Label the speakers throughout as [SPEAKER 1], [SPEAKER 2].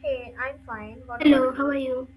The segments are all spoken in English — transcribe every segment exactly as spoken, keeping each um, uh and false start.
[SPEAKER 1] Hey, I'm fine. What
[SPEAKER 2] Hello,
[SPEAKER 1] about
[SPEAKER 2] how are
[SPEAKER 1] you?
[SPEAKER 2] you?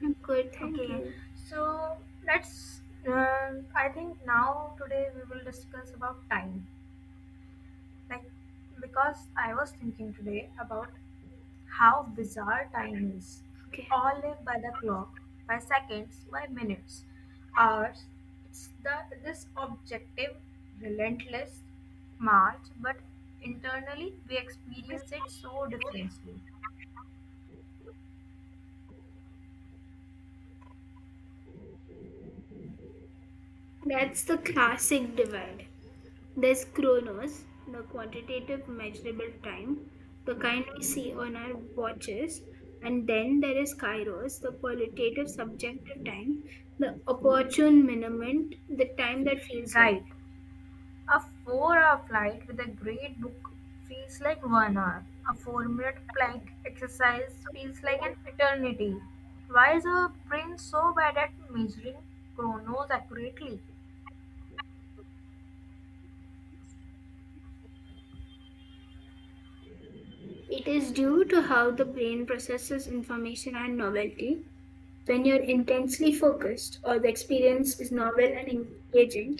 [SPEAKER 2] I'm good, thank
[SPEAKER 1] Okay,
[SPEAKER 2] you.
[SPEAKER 1] so let's. Um, I think now today we will discuss about time. Like, because I was thinking today about how bizarre time is. We
[SPEAKER 2] Okay,
[SPEAKER 1] all live by the clock, by seconds, by minutes, hours. It's the this objective, relentless march, but internally we
[SPEAKER 2] that's
[SPEAKER 1] experience it so differently.
[SPEAKER 2] that's the classic divide. There's chronos, the quantitative measurable time, the kind we see on our watches, and then there is kairos, the qualitative subjective time, the opportune minute, the time that feels
[SPEAKER 1] Right.
[SPEAKER 2] right.
[SPEAKER 1] A four-hour flight with a great book feels like one hour. A four-minute plank exercise feels like an eternity. Why is our brain so bad at measuring chronos accurately?
[SPEAKER 2] It is due to how the brain processes information and novelty. When you're intensely focused or the experience is novel and engaging,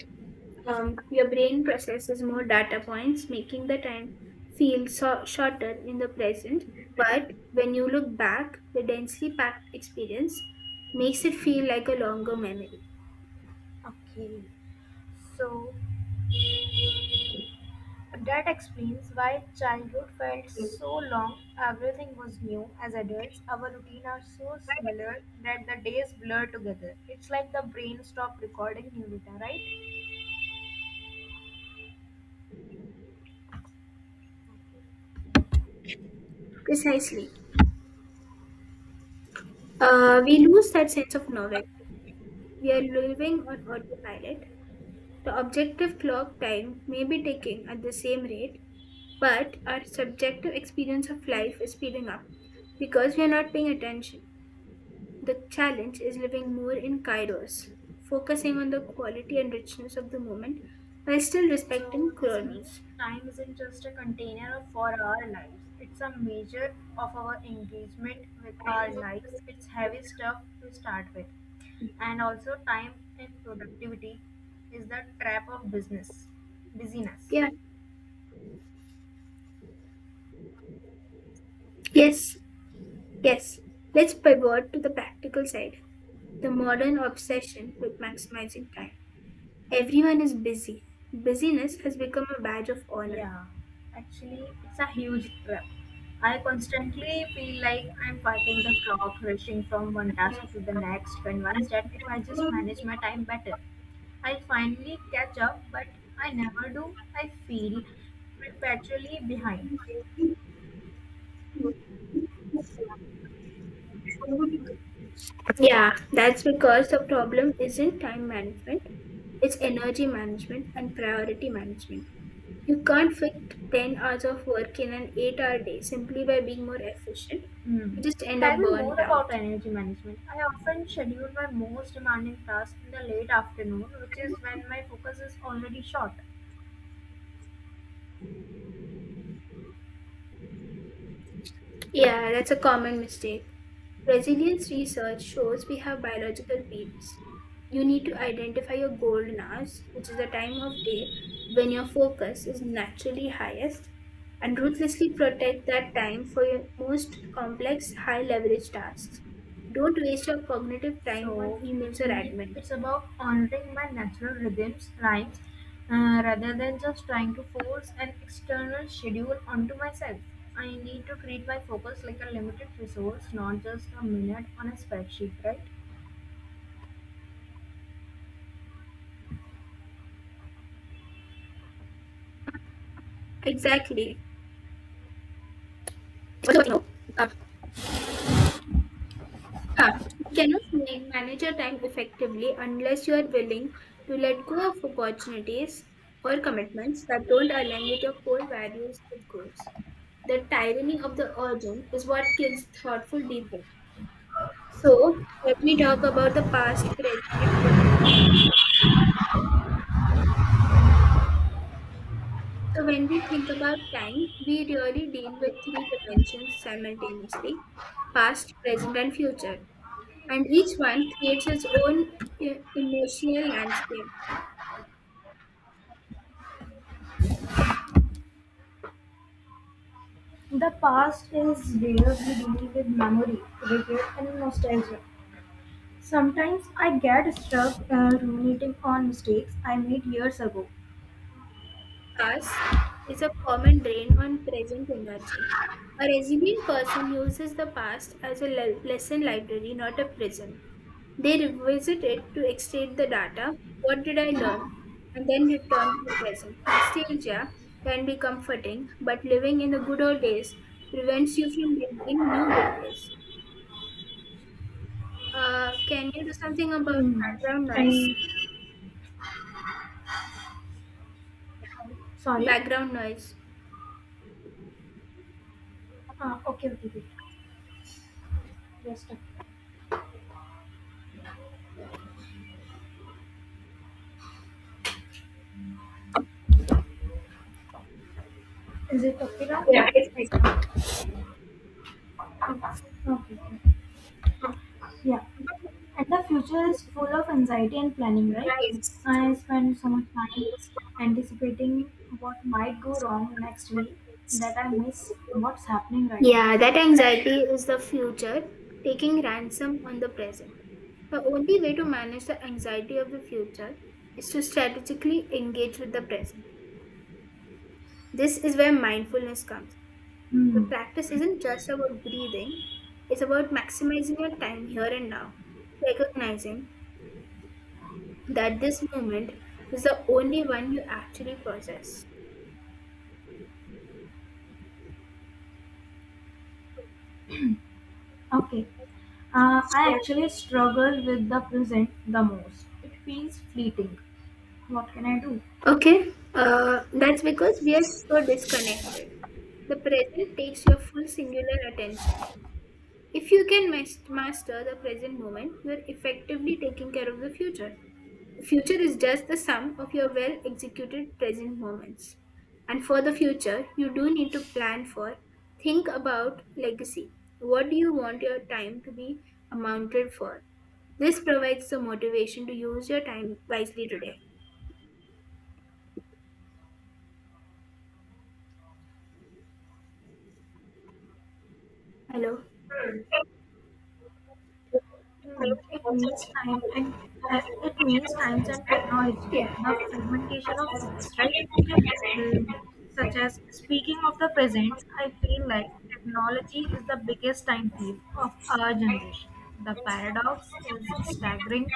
[SPEAKER 2] Um, your brain processes more data points, making the time feel so- shorter in the present. But when you look back, the densely packed experience makes it feel like a longer memory.
[SPEAKER 1] Okay, so that explains why childhood felt so long, everything was new. As adults, our routine are so similar that the days blur together. It's like the brain stopped recording new data, right?
[SPEAKER 2] Precisely. Uh, we lose that sense of novelty. We are living on autopilot. The objective clock time may be ticking at the same rate, but our subjective experience of life is speeding up because we are not paying attention. The challenge is living more in kairos, focusing on the quality and richness of the moment while still
[SPEAKER 1] So
[SPEAKER 2] respecting
[SPEAKER 1] this means
[SPEAKER 2] chronos.
[SPEAKER 1] time isn't just a container of- for our lives. It's a measure of our engagement with our lives. It's heavy stuff to start with. And also time and productivity is the trap of business, busyness.
[SPEAKER 2] Yeah, yes, yes. Let's pivot to the practical side, the modern obsession with maximizing time. Everyone is busy. Busyness has become a badge of honor.
[SPEAKER 1] Yeah, actually, it's a huge trap. I constantly feel like I'm fighting the clock, rushing from one task to the next, convinced that if I just manage my time better, I'll finally catch up, but I never do. I feel perpetually behind.
[SPEAKER 2] Yeah, that's because the problem isn't time management, it's energy management and priority management. You can't fit ten hours of work in an eight hour day simply by being more efficient.
[SPEAKER 1] Hmm.
[SPEAKER 2] You just end
[SPEAKER 1] Tell
[SPEAKER 2] up
[SPEAKER 1] me more
[SPEAKER 2] burnt out.
[SPEAKER 1] about energy management. I often schedule my most demanding tasks in the late afternoon, which is when my focus is already short.
[SPEAKER 2] Yeah, that's a common mistake. Resilience research shows we have biological peaks. You need to identify your golden hours, which is the time of day when your focus is naturally highest, and ruthlessly protect that time for your most complex, high leverage tasks. Don't waste your cognitive time on
[SPEAKER 1] So
[SPEAKER 2] emails
[SPEAKER 1] it's
[SPEAKER 2] or
[SPEAKER 1] me.
[SPEAKER 2] admin.
[SPEAKER 1] It's about honoring my natural rhythms, rhymes, uh, rather than just trying to force an external schedule onto myself. I need to treat my focus like a limited resource, not just a minute on a spreadsheet, right?
[SPEAKER 2] Exactly. No. Uh, huh. You cannot ma- manage your time effectively unless you are willing to let go of opportunities or commitments that don't align with your core values or goals. The tyranny of the urgent is what kills thoughtful deep work. So, let me talk about the past, present, and future. So, when we think about time, we really deal with three dimensions simultaneously past, present, and future. And each one creates its own eh, emotional landscape.
[SPEAKER 1] The past is weirdly dealing with memory, regret, and nostalgia. Sometimes I get stuck uh, ruminating on mistakes I made years ago.
[SPEAKER 2] Task is a common drain on present energy. A resilient person uses the past as a le- lesson library, not a prison. They revisit it to extract the data. What did I learn? And then return to the present. Nostalgia can be comforting, but living in the good old days prevents you from building new good days. Uh, can you do something about
[SPEAKER 1] Hmm.
[SPEAKER 2] background
[SPEAKER 1] And
[SPEAKER 2] noise? Yeah,
[SPEAKER 1] sorry.
[SPEAKER 2] background noise.
[SPEAKER 1] Uh, okay, okay, okay. Just a Is it okay now?
[SPEAKER 2] Yeah, it's
[SPEAKER 1] Okay. Okay. Yeah. And the future is full of anxiety and planning, right?
[SPEAKER 2] nice.
[SPEAKER 1] I spend so much time anticipating what might go wrong next week that I miss what's happening right now.
[SPEAKER 2] Yeah, that anxiety is the future taking ransom on the present. The only way to manage the anxiety of the future is to strategically engage with the present. This is where mindfulness comes. The
[SPEAKER 1] Hmm.
[SPEAKER 2] practice isn't just about breathing, it's about maximizing your time here and now, recognizing that this moment is the only one you actually possess.
[SPEAKER 1] Okay. Uh, I actually struggle with the present the most. It feels fleeting. What can I do?
[SPEAKER 2] Okay, uh, that's because we are so disconnected. The present takes your full singular attention. If you can mas- master the present moment, you are effectively taking care of the future. The future is just the sum of your well executed present moments. And for the future, you do need to plan for, think about legacy. What do you want your time to be amounted for? This provides the motivation to use your time wisely today. Hello.
[SPEAKER 1] Hmm. It means time and it means times and technology.
[SPEAKER 2] Yeah.
[SPEAKER 1] The fragmentation of focus, right? mm, such as speaking of the present, I feel like technology is the biggest time thief of our generation. The paradox is staggering.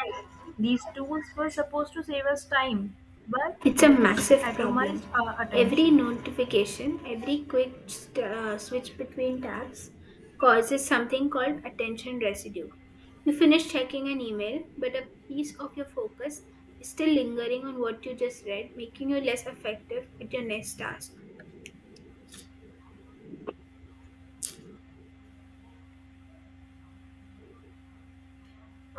[SPEAKER 1] These tools were supposed to save us time, but
[SPEAKER 2] It's a
[SPEAKER 1] they just
[SPEAKER 2] massive problem.
[SPEAKER 1] atomized our
[SPEAKER 2] Every
[SPEAKER 1] attention.
[SPEAKER 2] notification, every quick st- uh, switch between tabs causes something called attention residue. You finish checking an email, but a piece of your focus is still lingering on what you just read, making you less effective at your next task.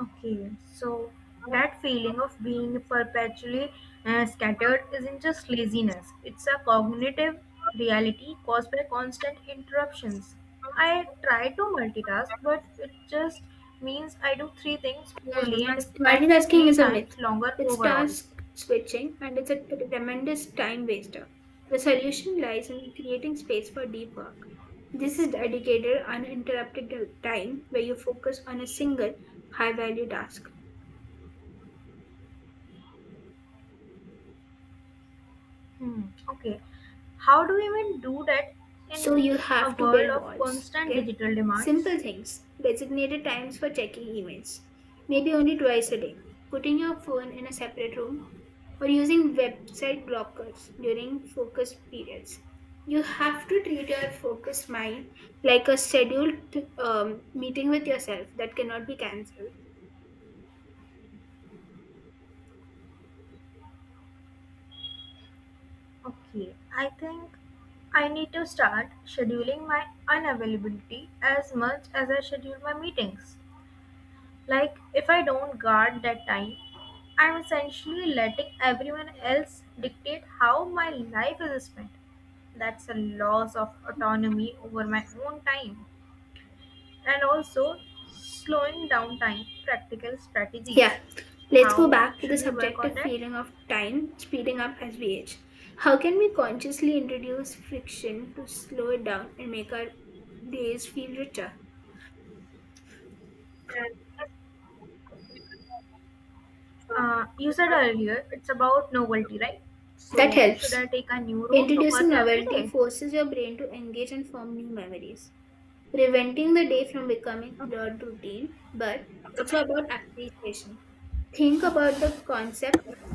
[SPEAKER 1] Okay, so that feeling of being perpetually uh, scattered isn't just laziness, it's a cognitive reality caused by constant interruptions. I try to multitask, but it just means I do three things
[SPEAKER 2] Mm,
[SPEAKER 1] poorly and
[SPEAKER 2] mas-
[SPEAKER 1] spend
[SPEAKER 2] multitasking
[SPEAKER 1] three
[SPEAKER 2] is a
[SPEAKER 1] times
[SPEAKER 2] myth.
[SPEAKER 1] longer
[SPEAKER 2] It's
[SPEAKER 1] overall.
[SPEAKER 2] task switching and it's a tremendous time waster. The solution lies in creating space for deep work. This is dedicated, uninterrupted time where you focus on a single high value task.
[SPEAKER 1] Hmm, okay, how do we even do that
[SPEAKER 2] So
[SPEAKER 1] in
[SPEAKER 2] you
[SPEAKER 1] a
[SPEAKER 2] have to
[SPEAKER 1] world
[SPEAKER 2] build
[SPEAKER 1] of
[SPEAKER 2] walls.
[SPEAKER 1] constant
[SPEAKER 2] Okay.
[SPEAKER 1] digital demands?
[SPEAKER 2] Simple things. Designated times for checking emails. Maybe only twice a day. Putting your phone in a separate room or using website blockers during focus periods. You have to treat your focus mind like a scheduled um, meeting with yourself that cannot be cancelled.
[SPEAKER 1] Okay, I think I need to start scheduling my unavailability as much as I schedule my meetings. Like, if I don't guard that time, I'm essentially letting everyone else dictate how my life is spent. That's a loss of autonomy over my own time. And also, slowing down time, practical
[SPEAKER 2] Yeah,
[SPEAKER 1] strategies.
[SPEAKER 2] let's go
[SPEAKER 1] How
[SPEAKER 2] back to the
[SPEAKER 1] should we work on
[SPEAKER 2] subjective
[SPEAKER 1] that?
[SPEAKER 2] feeling of time speeding up as we age. How can we consciously introduce friction to slow it down and make our days feel richer?
[SPEAKER 1] Uh, you said earlier it's about novelty, right?
[SPEAKER 2] That
[SPEAKER 1] So, should
[SPEAKER 2] helps.
[SPEAKER 1] I take a new road to
[SPEAKER 2] Introducing
[SPEAKER 1] work every
[SPEAKER 2] novelty
[SPEAKER 1] day?
[SPEAKER 2] forces your brain to engage and form new memories, preventing the day from becoming a blurred routine, but it's about appreciation. Think about the concept of...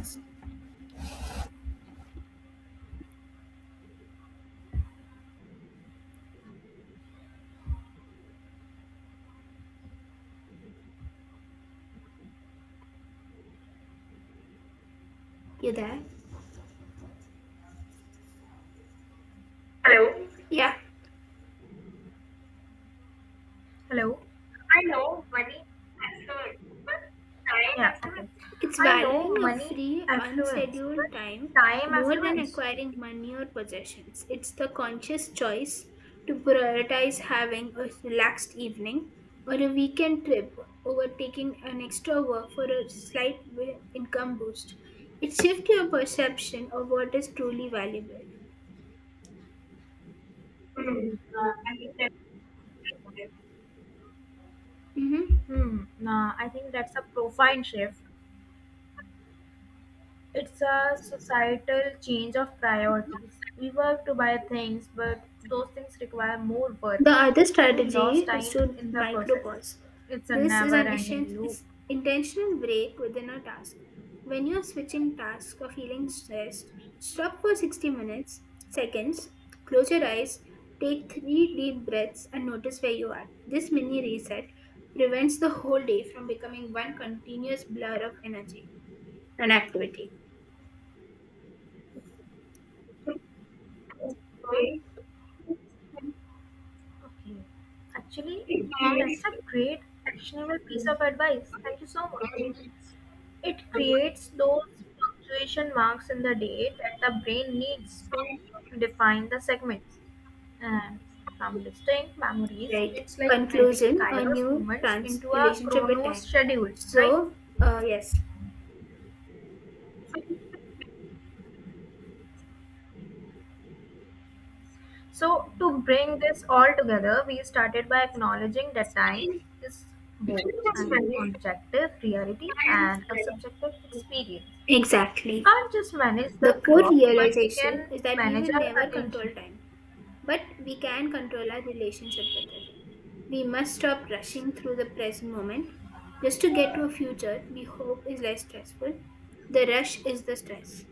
[SPEAKER 2] You there? Yeah.
[SPEAKER 1] Hello? Yeah, okay.
[SPEAKER 2] It's
[SPEAKER 1] I know
[SPEAKER 2] valuing a
[SPEAKER 1] money
[SPEAKER 2] free,
[SPEAKER 1] affluence, but
[SPEAKER 2] unscheduled time
[SPEAKER 1] time
[SPEAKER 2] more than
[SPEAKER 1] affluence?
[SPEAKER 2] acquiring money or possessions. It's the conscious choice to prioritize having a relaxed evening or a weekend trip over taking an extra work for a slight wi- income boost. It shifts your perception of what is truly valuable. Mhm.
[SPEAKER 1] Hmm, nah, I think that's a profound shift. It's a societal change of priorities. We work to buy things, but those things require more work,
[SPEAKER 2] The other
[SPEAKER 1] and we
[SPEAKER 2] strategy
[SPEAKER 1] lost
[SPEAKER 2] is
[SPEAKER 1] time
[SPEAKER 2] to
[SPEAKER 1] in the process.
[SPEAKER 2] micropause.
[SPEAKER 1] It's a
[SPEAKER 2] This is
[SPEAKER 1] never
[SPEAKER 2] an
[SPEAKER 1] ending
[SPEAKER 2] isen-
[SPEAKER 1] loop.
[SPEAKER 2] is- intentional break within a task. When you are switching tasks or feeling stressed, stop for sixty minutes, seconds, close your eyes, take three deep breaths, and notice where you are. This mini reset prevents the whole day from becoming one continuous blur of energy and activity.
[SPEAKER 1] Okay. Actually, that's a great actionable piece of advice. Thank you so much. It creates those punctuation marks in the day that the brain needs to define the segments. And from distinct memories,
[SPEAKER 2] Right.
[SPEAKER 1] it's like adding
[SPEAKER 2] Conclusion, a
[SPEAKER 1] Kairos
[SPEAKER 2] new
[SPEAKER 1] moments
[SPEAKER 2] trans
[SPEAKER 1] into a
[SPEAKER 2] relationship with
[SPEAKER 1] Chronos
[SPEAKER 2] time.
[SPEAKER 1] schedule, right?
[SPEAKER 2] So, uh, yes,
[SPEAKER 1] So, to bring this all together, we started by acknowledging that time is both an objective reality and a subjective experience. We
[SPEAKER 2] exactly.
[SPEAKER 1] can't just manage
[SPEAKER 2] The
[SPEAKER 1] the
[SPEAKER 2] core
[SPEAKER 1] clock, but we
[SPEAKER 2] realization
[SPEAKER 1] can
[SPEAKER 2] is that we will
[SPEAKER 1] manage our
[SPEAKER 2] never
[SPEAKER 1] attention.
[SPEAKER 2] control time, but we can control our relationship with it. We must stop rushing through the present moment just to get to a future we hope is less stressful. The rush is the stress.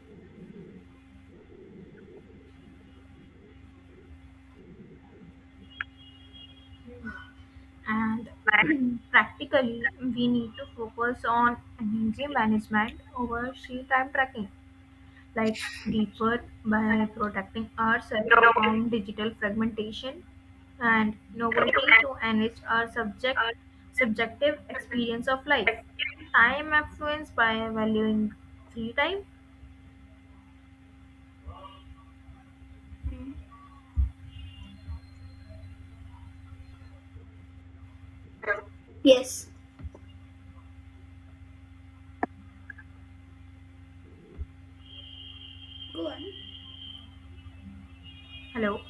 [SPEAKER 1] And practically, we need to focus on energy management over sheer time tracking, like deep work by protecting ourselves from digital fragmentation and novelty to enrich our subject subjective experience of life. Time affluence by valuing free time.
[SPEAKER 2] Hmm. Yes, go on.
[SPEAKER 1] Hello,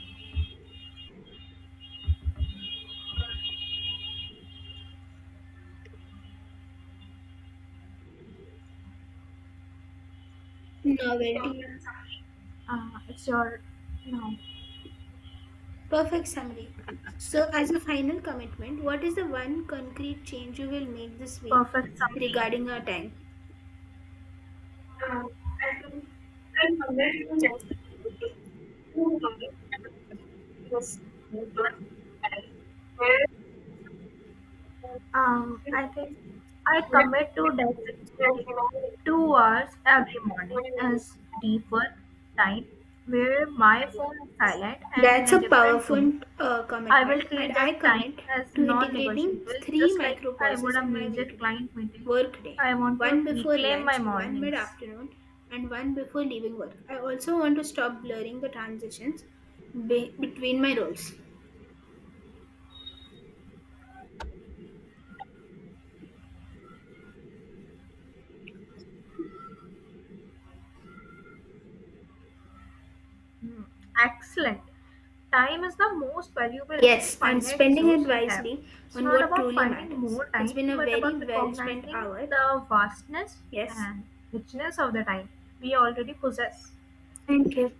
[SPEAKER 2] Novelty.
[SPEAKER 1] uh, it's your now
[SPEAKER 2] Perfect summary. So, as a final commitment, what is the one concrete change you will make this week
[SPEAKER 1] perfect summary.
[SPEAKER 2] regarding our time?
[SPEAKER 1] Um, I think I commit to that two hours every morning as deep work time where my phone is silent and in
[SPEAKER 2] That's
[SPEAKER 1] a
[SPEAKER 2] a
[SPEAKER 1] different
[SPEAKER 2] powerful
[SPEAKER 1] room.
[SPEAKER 2] uh,
[SPEAKER 1] I will
[SPEAKER 2] commitment, and
[SPEAKER 1] treat that
[SPEAKER 2] I
[SPEAKER 1] time
[SPEAKER 2] commit
[SPEAKER 1] as
[SPEAKER 2] to integrating
[SPEAKER 1] non-negotiable,
[SPEAKER 2] three
[SPEAKER 1] just like
[SPEAKER 2] micro
[SPEAKER 1] I would
[SPEAKER 2] pauses
[SPEAKER 1] a
[SPEAKER 2] in my
[SPEAKER 1] major
[SPEAKER 2] weekday
[SPEAKER 1] client meeting.
[SPEAKER 2] workday,
[SPEAKER 1] I want to
[SPEAKER 2] one before
[SPEAKER 1] reclaim my
[SPEAKER 2] lunch, one mid
[SPEAKER 1] mornings.
[SPEAKER 2] afternoon, and one before leaving work. I also want to stop blurring the transitions be- between my roles.
[SPEAKER 1] Hmm. Excellent. Time is the most valuable and
[SPEAKER 2] Yes, and
[SPEAKER 1] finite
[SPEAKER 2] spending it
[SPEAKER 1] resource we have.
[SPEAKER 2] wisely
[SPEAKER 1] It's
[SPEAKER 2] on
[SPEAKER 1] not
[SPEAKER 2] what
[SPEAKER 1] about
[SPEAKER 2] truly
[SPEAKER 1] finding
[SPEAKER 2] matters.
[SPEAKER 1] more
[SPEAKER 2] It's
[SPEAKER 1] time,
[SPEAKER 2] been a
[SPEAKER 1] but
[SPEAKER 2] very
[SPEAKER 1] about
[SPEAKER 2] well spent
[SPEAKER 1] recognizing
[SPEAKER 2] hour.
[SPEAKER 1] the vastness
[SPEAKER 2] Yes.
[SPEAKER 1] and richness of the time we already possess.
[SPEAKER 2] Thank you.